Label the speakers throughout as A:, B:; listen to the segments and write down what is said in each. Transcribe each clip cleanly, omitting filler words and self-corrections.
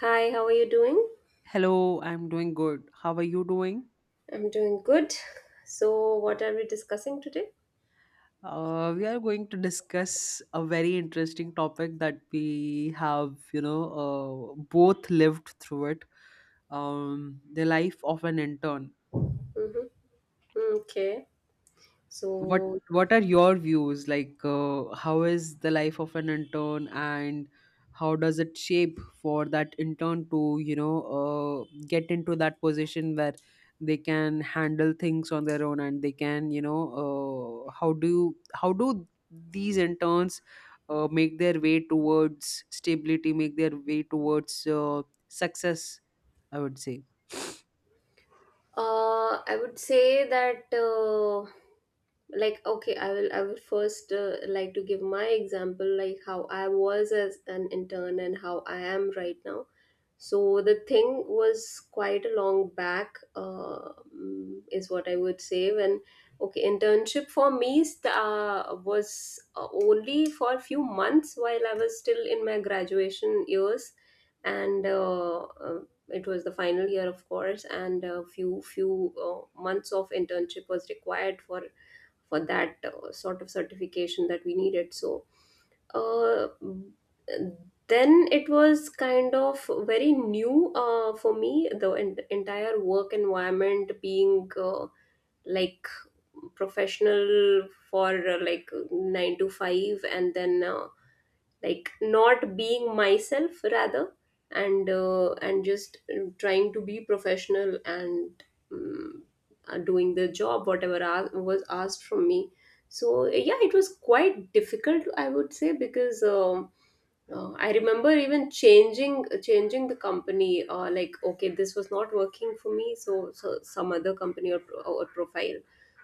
A: Hi, how are you doing?
B: Hello, I'm doing good. How are you doing?
A: I'm doing good. So, what are we discussing today?
B: We are going to discuss a very interesting topic that we have, you know, both lived through it. The life of an intern.
A: Mm-hmm. Mm, Okay.
B: what
A: So,
B: what are your views, like, how is the life of an intern, and how does it shape for that intern to, you know, get into that position where they can handle things on their own, and they can, you know, how do these interns make their way towards stability, make their way towards, success, I would say.
A: I would say that, like, okay, I will first like to give my example, like how I was as an intern and how I am right now. So the thing was quite a long back, is what I would say. When okay, internship for me was only for a few months while I was still in my graduation years, and it was the final year, of course, and a few months of internship was required for that sort of certification that we needed. So uh, then it was kind of very new for me, the entire work environment being like professional for like 9 to 5, and then like not being myself rather, and and just trying to be professional and um, doing the job whatever was asked from me. So yeah, it was quite difficult, I would say, because I remember even changing the company. Like okay, this was not working for me, so, some other company, or, or profile.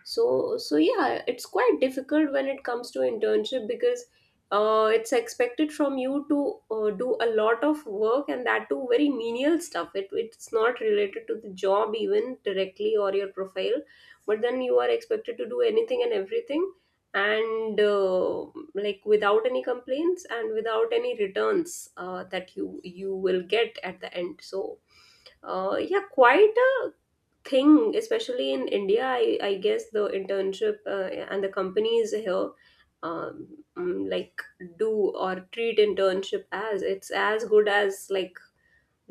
A: So yeah, it's quite difficult when it comes to internship because it's expected from you to do a lot of work, and that too very menial stuff. It's not related to the job even directly or your profile, but then you are expected to do anything and everything, and like without any complaints and without any returns that you will get at the end. So yeah, quite a thing, especially in India. I guess the internship and the companies here like do or treat internship as it's as good as like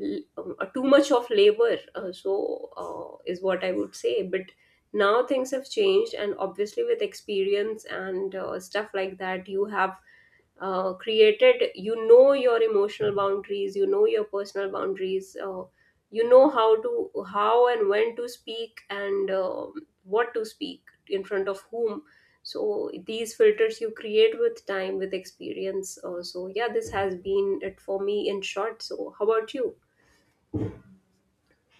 A: l- too much of labor, so is what I would say. But now things have changed, and obviously with experience and stuff like that, you have created, you know, your emotional boundaries, you know your personal boundaries. You know how to, how and when to speak, and what to speak, in front of whom. So these filters you create with time, with experience. So yeah, this has been it for me in short. So how about you?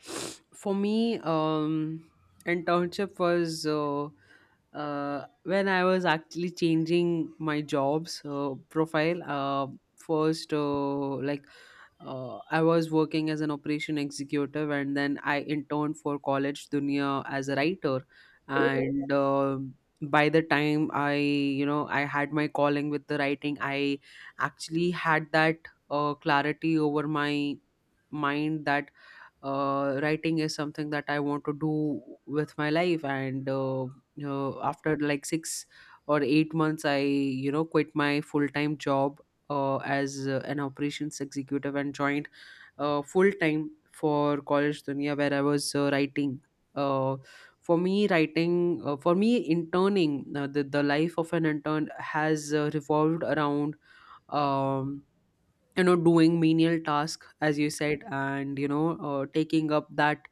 B: For me, internship was when I was actually changing my jobs, profile. First, I was working as an operation executive, and then I interned for College Dunia as a writer.
A: Mhm,
B: And by the time I, you know, I had my calling with the writing, I actually had that clarity over my mind that writing is something that I want to do with my life. And you know, after like 6 or 8 months, I, you know, quit my full time job as an operations executive, and joined full time for College Dunia, where I was writing. Uh, for me, interning, the life of an intern has revolved around. Um, you know, doing menial task, as you said, and you know, taking up that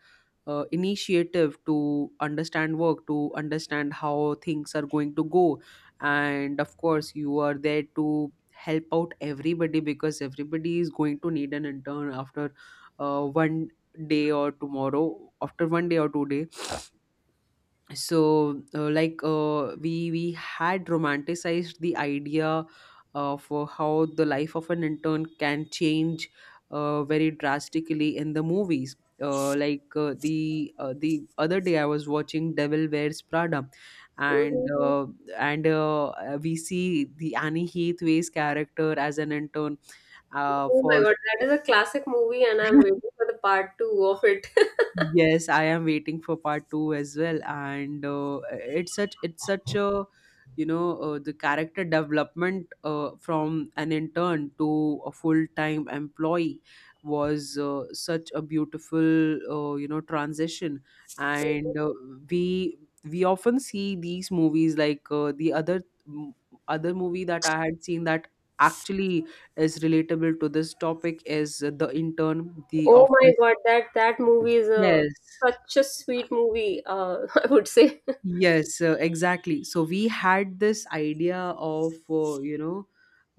B: initiative to understand work, to understand how things are going to go, and of course, you are there to help out everybody, because everybody is going to need an intern after uh, one 1 day or 2 day. So we had romanticized the idea of how the life of an intern can change very drastically in the movies. The other day I was watching Devil Wears Prada, and
A: mhm.
B: uh, and we see the Annie Hathaway's character as an intern
A: Oh my
B: for.
A: god, that is a classic movie, and I'm waiting for the part two of it.
B: Yes, I am waiting for part two as well, and it's such a, you know, the character development from an intern to a full time employee was such a beautiful, you know, transition, and we we often see these movies, like m- other movie that I had seen that actually is relatable to this topic is The Intern, The
A: Oh my
B: Office.
A: god, that movie is a
B: Yes.
A: such a sweet movie. I would say.
B: Yes, exactly. So we had this idea of, you know,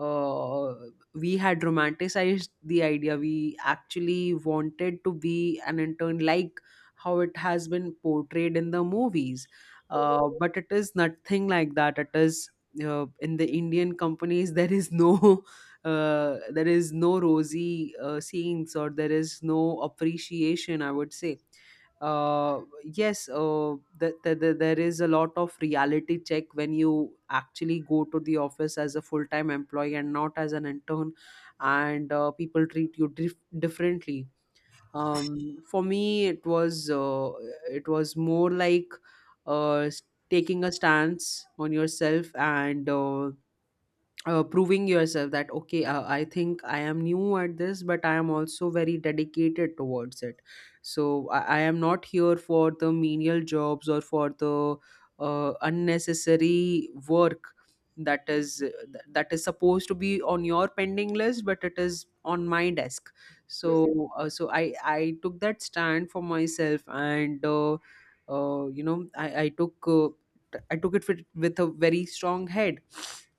B: uh, we had romanticized the idea. We actually wanted to be an intern like how it has been portrayed in the movies.
A: Mhm,
B: But it is nothing like that. It is in the Indian companies, there is no. There is no rosy scenes, or there is no appreciation, I would say. There is a lot of reality check when you actually go to the office as a full time employee and not as an intern, and people treat you differently. For me, it was more like uh, s- taking a stance on yourself, and proving yourself that, okay, I think I am new at this, but I am also very dedicated towards it. So I am not here for the menial jobs or for the unnecessary work that is that is supposed to be on your pending list, but it is on my desk.
A: mhm,
B: So so I took that stand for myself. And you know, I took, I took it with a very strong head.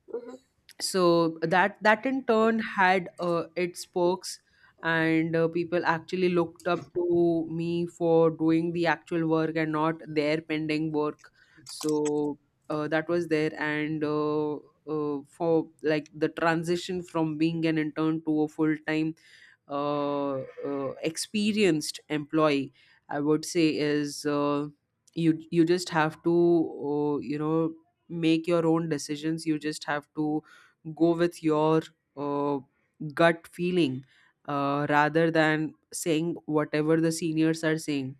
A: mhm.
B: So that, that in turn had its perks, and people actually looked up to me for doing the actual work and not their pending work. So that was there. And for, like, the transition from being an intern to a full time uh, experienced employee, I would say, is you, you just have to, you know, make your own decisions. You just have to go with your uh, gut feeling, rather than saying whatever the seniors are saying.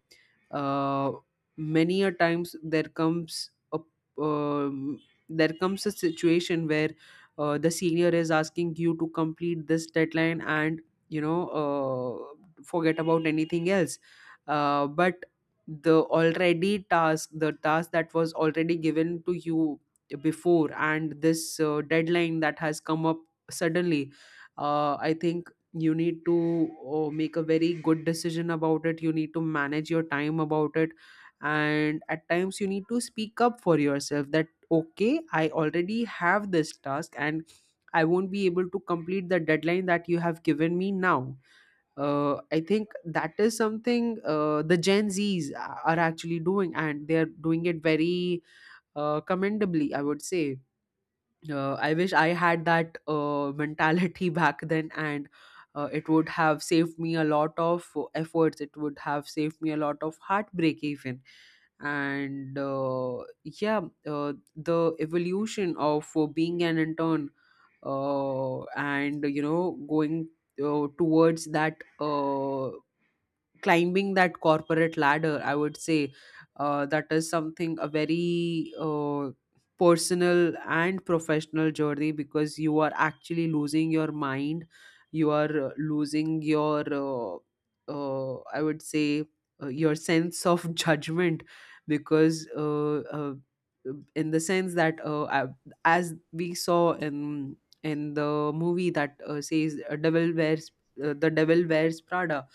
B: uh, Many a times there comes a, um, there comes a situation where the senior is asking you to complete this deadline, and, you know, forget about anything else. Uh, but the task that was already given to you before, and this deadline that has come up suddenly, I think you need to make a very good decision about it. You need to manage your time about it. And at times you need to speak up for yourself that, okay, I already have this task and I won't be able to complete the deadline that you have given me now. I think that is something the Gen Zs are actually doing, and they are doing it very commendably, I would say. I wish I had that mentality back then, and it would have saved me a lot of efforts. It would have saved me a lot of heartbreak, even. And yeah, the evolution of being an intern, and you know, going towards that. Climbing that corporate ladder, I would say, that is something, a very personal and professional journey, because you are actually losing your mind. You are losing your I would say, your sense of judgment, because in the sense that, as we saw in the movie that says devil wears the Devil Wears Prada,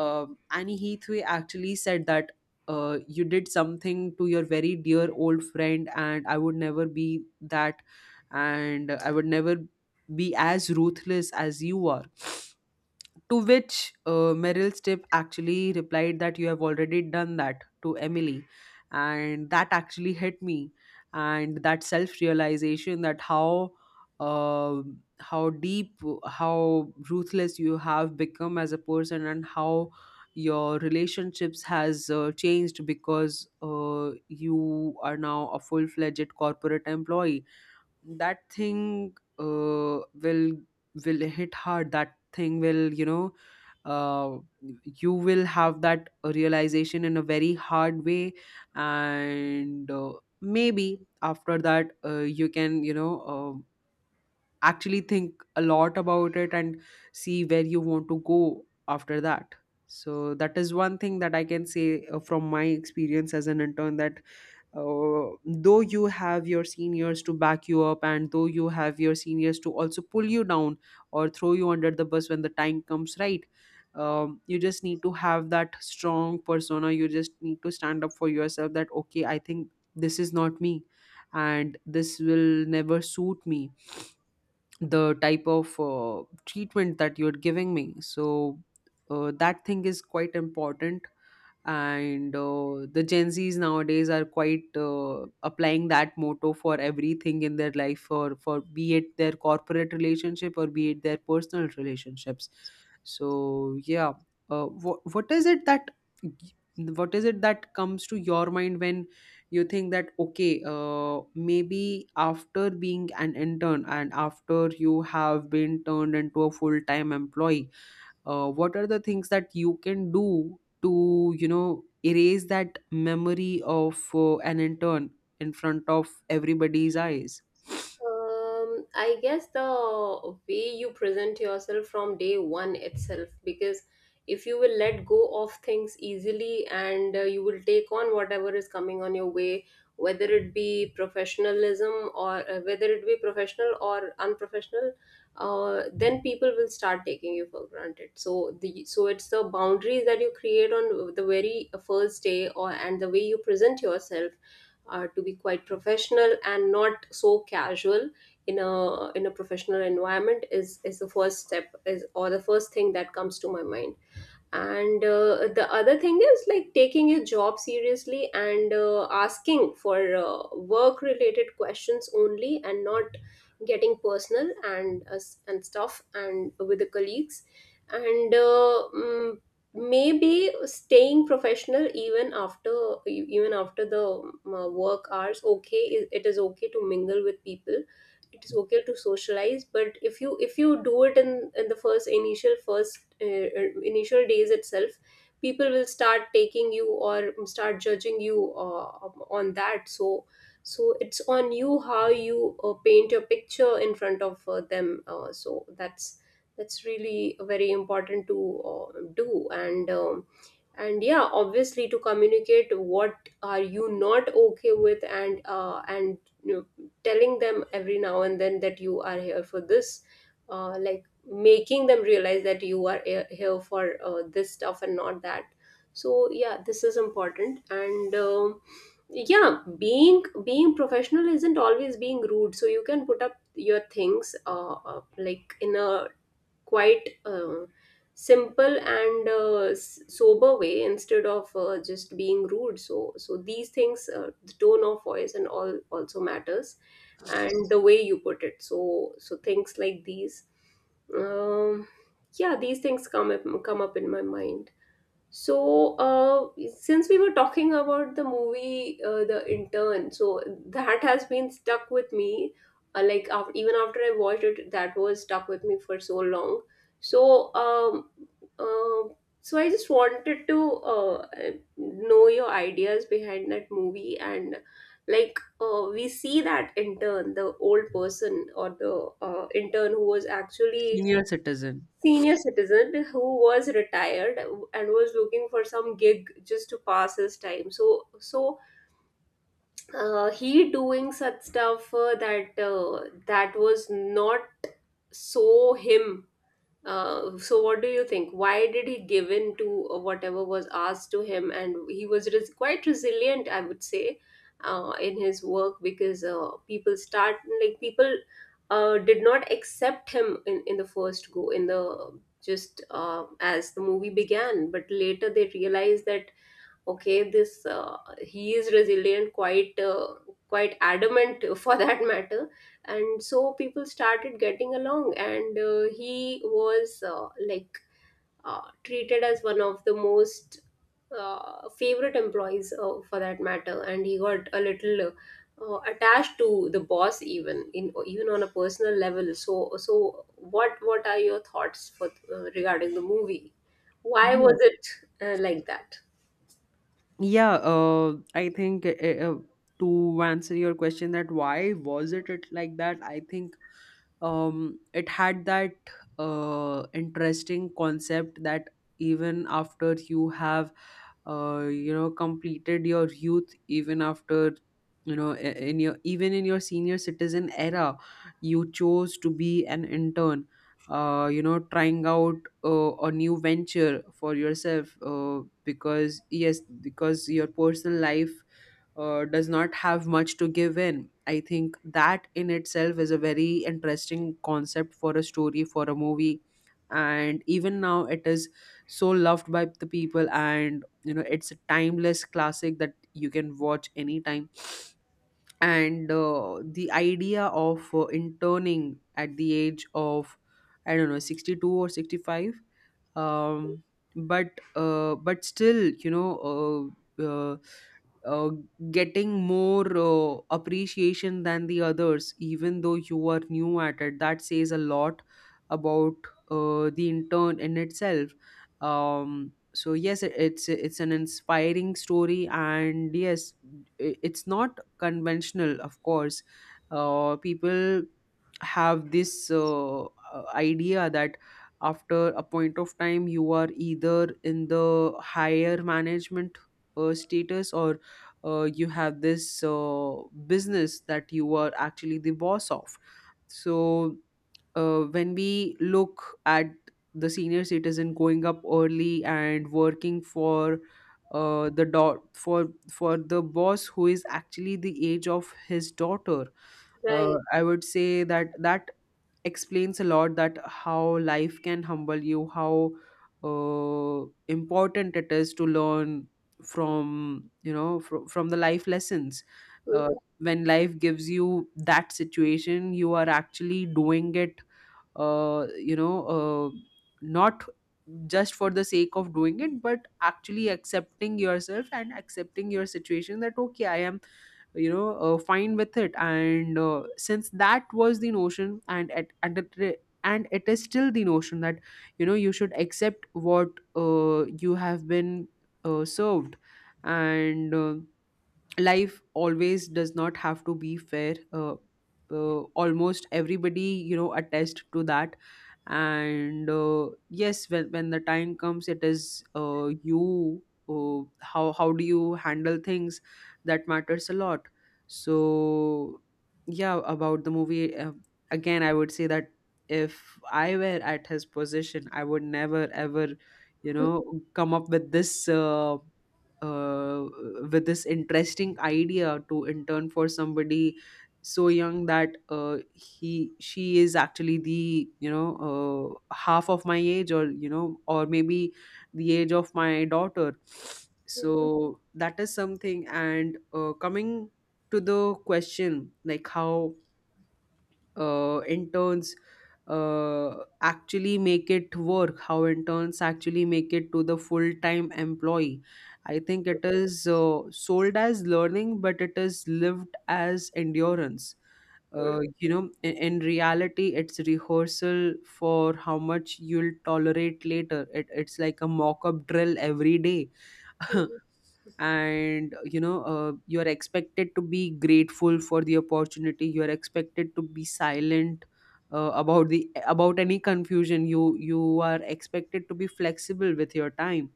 B: Annie Heathway actually said that you did something to your very dear old friend, and I would never be that, and I would never be as ruthless as you are. To which Meryl Streep actually replied that you have already done that to Emily. And that actually hit me. And that self realization that how. Uh, how deep, how ruthless you have become as a person, and how your relationships has changed, because you are now a full-fledged corporate employee. That thing will hit hard. That thing will, you know, uh, you will have that realization in a very hard way. And maybe after that you can, you know, actually think a lot about it, and see where you want to go after that. So that is one thing that I can say from my experience as an intern, that though you have your seniors to back you up, and though you have your seniors to also pull you down or throw you under the bus when the time comes, right? You just need to have that strong persona. You just need to stand up for yourself that, okay, I think this is not me, and this will never suit me, the type of treatment that you're giving me. So that thing is quite important. And the Gen Z's nowadays are quite applying that motto for everything in their life, for be it their corporate relationship or be it their personal relationships. So yeah, uh, what, what is it that what is it that comes to your mind when you think that, okay, maybe after being an intern and after you have been turned into a full-time employee, what are the things that you can do to, you know, erase that memory of an intern in front of everybody's eyes?
A: I guess the way you present yourself from day one itself, because if you will let go of things easily and you will take on whatever is coming on your way, whether it be professionalism, or whether it be professional or unprofessional, then people will start taking you for granted. So it's the boundaries that you create on the very first day, or and the way you present yourself to be quite professional and not so casual in a professional environment is the first step, is or the first thing that comes to my mind. And the other thing is like taking your job seriously, and asking for work related questions only and not getting personal and and stuff and with the colleagues, and maybe staying professional even after, even after the work hours. Okay, it is okay to mingle with people, it is okay to socialize, but if you do it in the first initial days itself, people will start taking you or start judging you on that. So it's on you how you paint your picture in front of them, so that's really very important to do. And and yeah, obviously, to communicate what are you not okay with, and and telling them every now and then that you are here for this. Like making them realize that you are here for this stuff and not that. So yeah, this is important. And yeah, being professional isn't always being rude, so you can put up your things like in a quite simple and sober way instead of just being rude. So these things, the tone of voice and all also matters, and the way you put it. So things like these. um yeah, these things come up in my mind. So, since we were talking about the movie, The Intern, so that has been stuck with me. Like after, even after I watched it, that was stuck with me for so long. So, uh, I just wanted to know your ideas behind that movie. And like we see that intern, the old person, or the intern who was actually
B: Senior citizen.
A: senior citizen, who was retired and was looking for some gig just to pass his time. So he doing such stuff, that, that was not so him. So what do you think? Why did he give in to whatever was asked to him? And he was quite resilient, I would say, in his work, because people start, like people did not accept him in the first go, in the just as the movie began, but later they realized that okay this, he is resilient, quite quite adamant for that matter, and so people started getting along, and he was, like treated as one of the most favorite employees for that matter, and he got a little attached to the boss, even in, even on a personal level. So what are your thoughts for, regarding the movie? Why
B: yeah
A: was it like that?
B: yeah uh, I think, uh, to answer your question that why was it, it like that, I think it had that interesting concept that even after you have you know, completed your youth, even after, you know, I- in your even in your senior citizen era, you chose to be an intern, you know, trying out a new venture for yourself, because yes, because your personal life does not have much to give in. I think that in itself is a very interesting concept for a story, for a movie. And even now, it is so loved by the people, and you know, it's a timeless classic that you can watch anytime. And the idea of interning at the age of, I don't know, 62 or 65, um, but still, you know. Uh, uh, uh, getting more appreciation than the others, even though you are new at it. That says a lot about the intern in itself. So yes, it's an inspiring story, and yes, it's not conventional, of course. People have this idea that after a point of time you are either in the higher management status, or you have this business that you are actually the boss of. So when we look at the senior citizen going up early and working for the dot for the boss who is actually the age of his daughter,
A: Right.
B: I would say that explains a lot, that how life can humble you, how important it is to learn from from the life lessons. uh, when life gives you that situation, you are actually doing it, uh, you know uh, not just for the sake of doing it, but actually accepting yourself and accepting your situation, that okay, I am, fine with it. And since that was the notion, and at and it, re- and it is still the notion that you know you should accept what you have been served. And life always does not have to be fair. Almost everybody, you know, attest to that. And yes, when the time comes, it is you how do you handle things, that matters a lot. So yeah, about the movie, again I would say that if I were at his position, I would never ever, you know, come up uh, with this interesting idea to intern for somebody so young that he, she is actually the, you know, half of my age, or you know, or maybe the age of my daughter.
A: Uhum,
B: So that is something. And coming to the question, like how interns actually make it work, how interns actually make it to the full time employee. I think it is sold as learning, but it is lived as endurance.
A: uhum,
B: You know, in reality, it's rehearsal for how much you'll tolerate later. It's like a mock up drill every day. And you know, you are expected to be grateful for the opportunity, you are expected to be silent about any confusion, you are expected to be flexible with your time,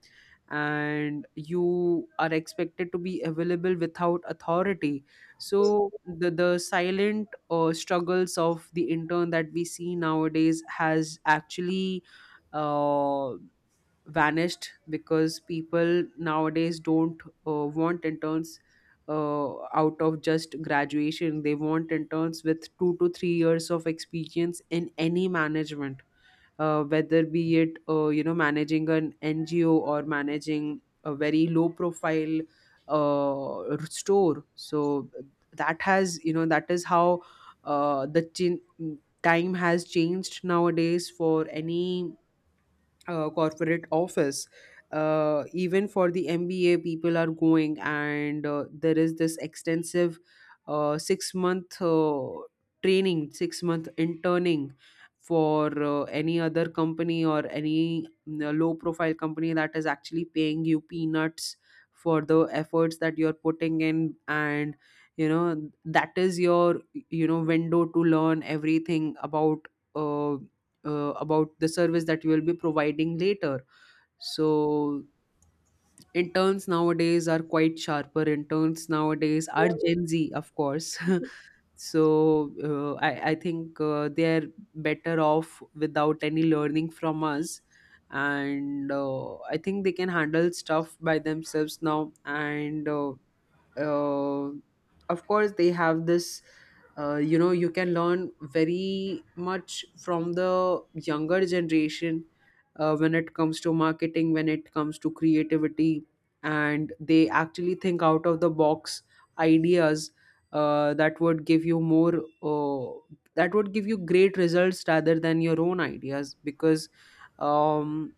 B: and you are expected to be available without authority. So
A: uhum.
B: the silent struggles of the intern that we see nowadays has actually uh, vanished, because people nowadays don't want interns out of just graduation. They want interns with 2 to 3 years of experience in any management, whether be it you know, managing an NGO or managing a very low profile store. So that has, you know, that is how uh, the chin- time has changed nowadays for any corporate office. Even for the MBA, people are going, and there is this extensive six-month training, six-month interning for any other company or any low profile company, that is actually paying you peanuts for the efforts that you're putting in. And you know, that is your, you know, window to learn everything uh, about the service that you will be providing later. So interns nowadays are quite sharper. Interns nowadays are Gen Z, of course. So I think they're better off without any learning from us. And I think they can handle stuff by themselves now. And uh, of course they have this, you know, you can learn very much from the younger generation, when it comes to marketing, when it comes to creativity, and they actually think out of the box ideas, uh, that would give you more that would give you great results rather than your own ideas, because um,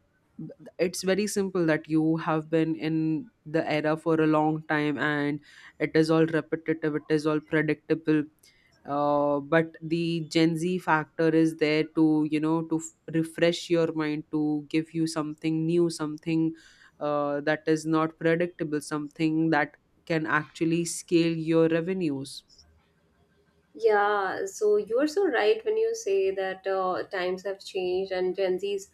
B: it's very simple that you have been in the era for a long time, and it is all repetitive, it is all predictable. But the Gen Z factor is there to, you know, to refresh your mind, to give you something new, something that is not predictable, something that can actually scale your revenues.
A: Yeah, so you're so right when you say that times have changed and Gen Zs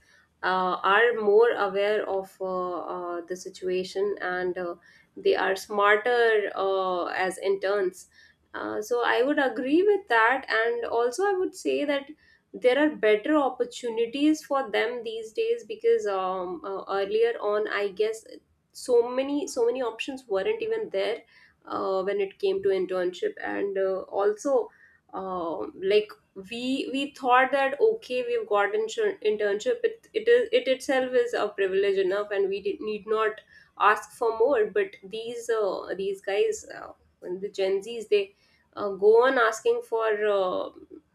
A: are more aware of the situation, and they are smarter as interns. So I would agree with that, and also I would say that there are better opportunities for them these days, because earlier on, I guess so many options weren't even there when it came to internship, and also, like we thought that okay, we've got internship, it is, it itself is a privilege enough, and we did, need not ask for more. But these, these guys, the Gen Z's, they go on asking for,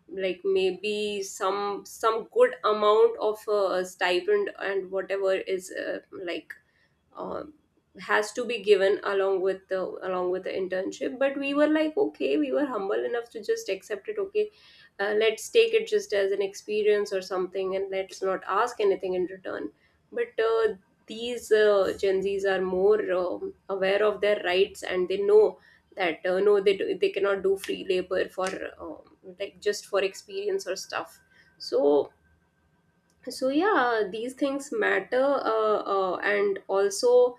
A: like maybe some good amount of stipend, and whatever is, like um, has to be given along with the internship but we were like okay, we were humble enough to just accept it. Okay, let's take it just as an experience or something, and let's not ask anything in return. But these, Gen Z's are more aware of their rights, and they know that, no, they cannot do free labor for like just for experience or stuff. So so yeah, these things matter. And also,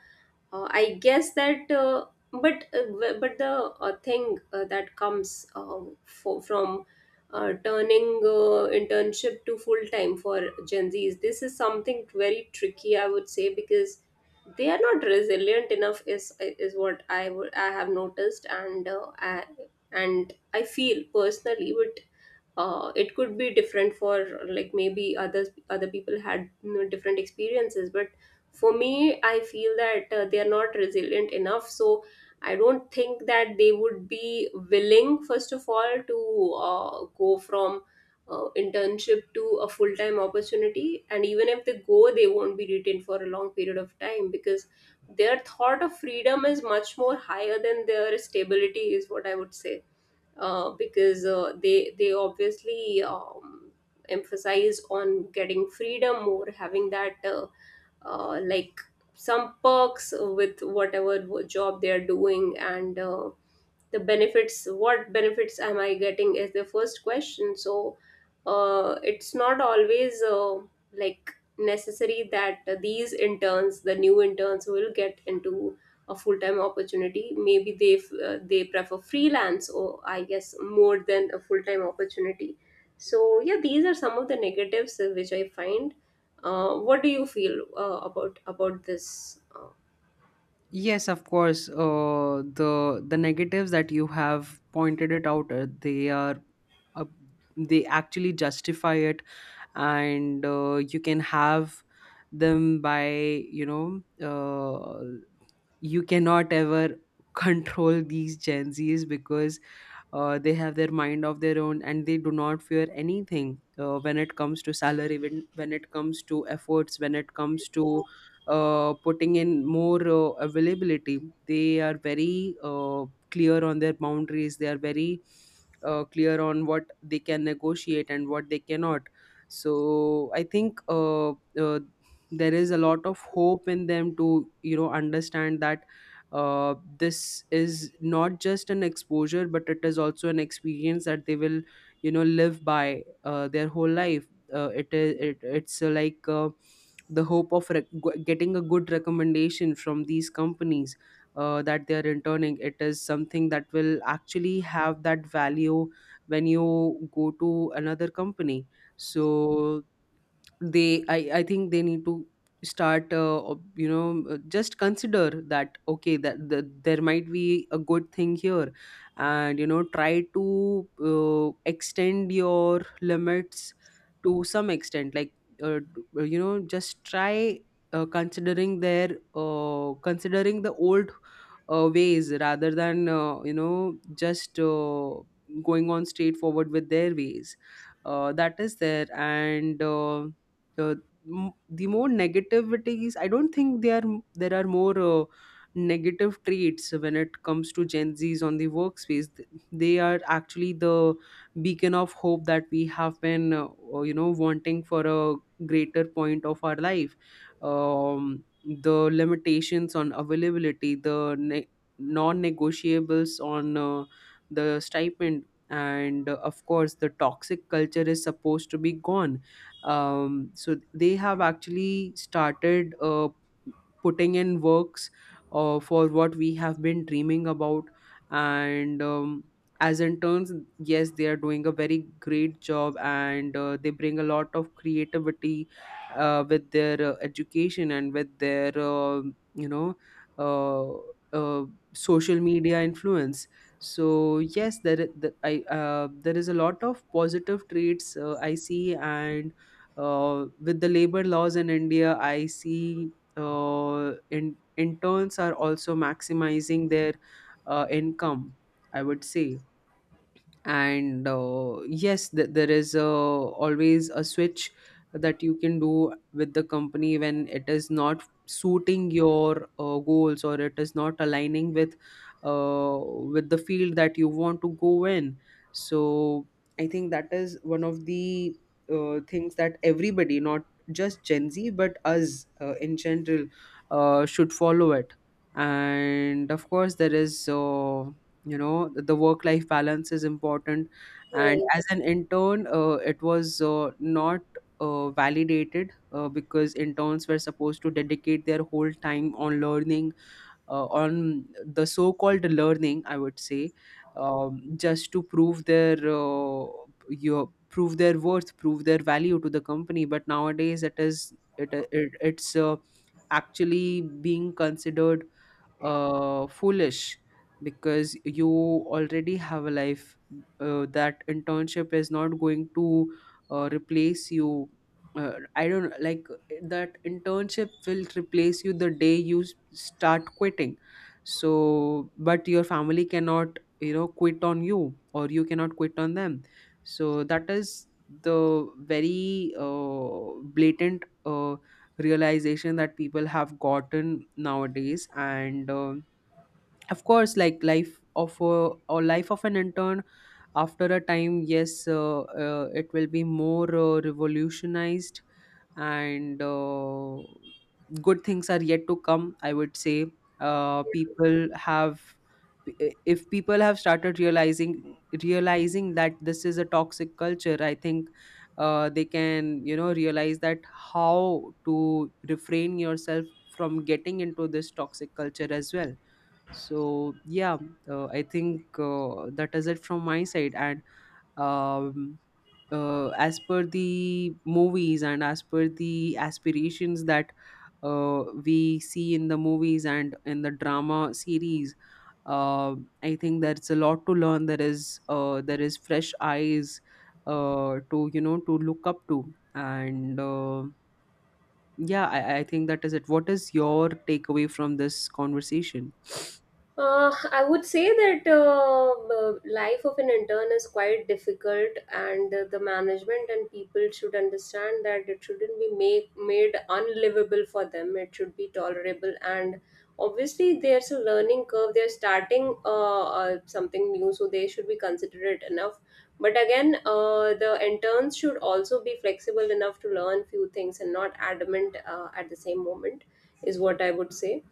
A: I guess that, but the thing that comes, from turning internship to full time for Gen Z's, this is something very tricky, I would say, because they are not resilient enough is what I would, I have noticed. And and I feel personally it could be different for, like maybe others, other people had, you know, different experiences, but for me I feel that they are not resilient enough, so I don't think that they would be willing first of all to go from internship to a full-time opportunity, and even if they go, they won't be retained for a long period of time, because their thought of freedom is much more higher than their stability, is what I would say. Because they, obviously emphasize on getting freedom, or having that, like some perks with whatever job they are doing, and the benefits, what benefits am I getting is the first question. So it's not always like necessary that these interns, the new interns, will get into a full-time opportunity. Maybe they, they prefer freelance or I guess more than a full-time opportunity. So yeah, these are some of the negatives which I find. What do you feel, about this? uh,
B: Yes, of course, the negatives that you have pointed it out, they are, uh, they actually justify it. And you can have them by, you know uh, you cannot ever control these Gen Zs, because they have their mind of their own, and they do not fear anything, when it comes to salary, when it comes to efforts, when it comes to putting in more availability. They are very clear on their boundaries, they are very clear on what they can negotiate and what they cannot. So I think, there is a lot of hope in them to, you know, understand that this is not just an exposure, but it is also an experience that they will, you know, live by their whole life. It is it, it's like The hope of getting a good recommendation from these companies that they are interning, it is something that will actually have that value when you go to another company. So they, I think they need to start you know, just consider that okay, that there might be a good thing here, and you know, try to extend your limits to some extent, like you know, just try considering their, considering the old ways, rather than you know just going on straightforward with their ways that is there. And uh, the more negativities, I don't think there are, there are more negative traits when it comes to Gen Z's on the workspace. They are actually the beacon of hope that we have been you know, wanting for a greater point of our life. um, the limitations on availability, the non-negotiables on the stipend, and of course the toxic culture is supposed to be gone. So they have actually started putting in works for what we have been dreaming about. And as interns, yes, they are doing a very great job, and they bring a lot of creativity with their education, and with their um, you know, uh, uh, social media influence. So yes, there, I- the, I, there is a lot of positive traits I see. And with the labor laws in India, I see interns are also maximizing their income, I would say. And yes, there is always a switch that you can do with the company when it is not suiting your goals, or it is not aligning uh, with the field that you want to go in. So I think that is one of the things that everybody, not just Gen Z, but us in general, should follow it. And of course there is, you know, the work life balance is important. And
A: right.
B: as an intern, it was not validated, because interns were supposed to dedicate their whole time on learning, on the so called learning, I would say. Just to prove their, your prove their worth, prove their value to the company. But nowadays it is, it it's actually being considered foolish, because you already have a life. That internship is not going to replace you. I don't like that internship will replace you the day you start quitting. So, but your family cannot, you know, quit on you, or you cannot quit on them. So, that is the very blatant, realization that people have gotten nowadays. And um, of course, like life of a, or life of an intern, after a time, yes, it will be more revolutionized. And good things are yet to come, I would say. People have, if people have started realizing, realizing that this is a toxic culture, I think they can, you know, realize that how to refrain yourself from getting into this toxic culture as well. So yeah, I think that is it from my side. And um, as per the movies and as per the aspirations that we see in the movies and in the drama series, uh, I think there's a lot to learn. There is there is fresh eyes to, you know, to look up to. And yeah, I think that is it. What is your takeaway from this conversation?
A: I would say that, life of an intern is quite difficult, and the management and people should understand that it shouldn't be made unlivable for them. It should be tolerable, and obviously there's a learning curve. They're starting, something new, so they should be considerate enough. But again, the interns should also be flexible enough to learn few things and not adamant at the same moment, is what I would say.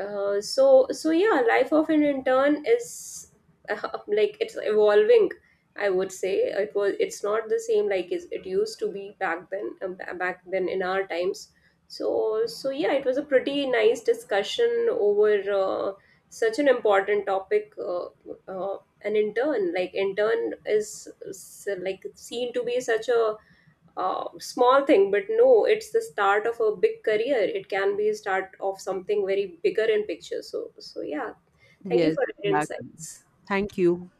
A: So yeah, life of an intern is uh, like it's evolving, I would say. It's not the same like it used to be back then, back then in our times. So yeah, it was a pretty nice discussion over uh, such an important topic. An intern, like intern is like seen to be such a small thing, but no, it's the start of a big career. It can be a start of something very bigger in picture. So yeah, thank you
B: Yes,
A: for your
B: exactly.
A: insights.
B: Thank you.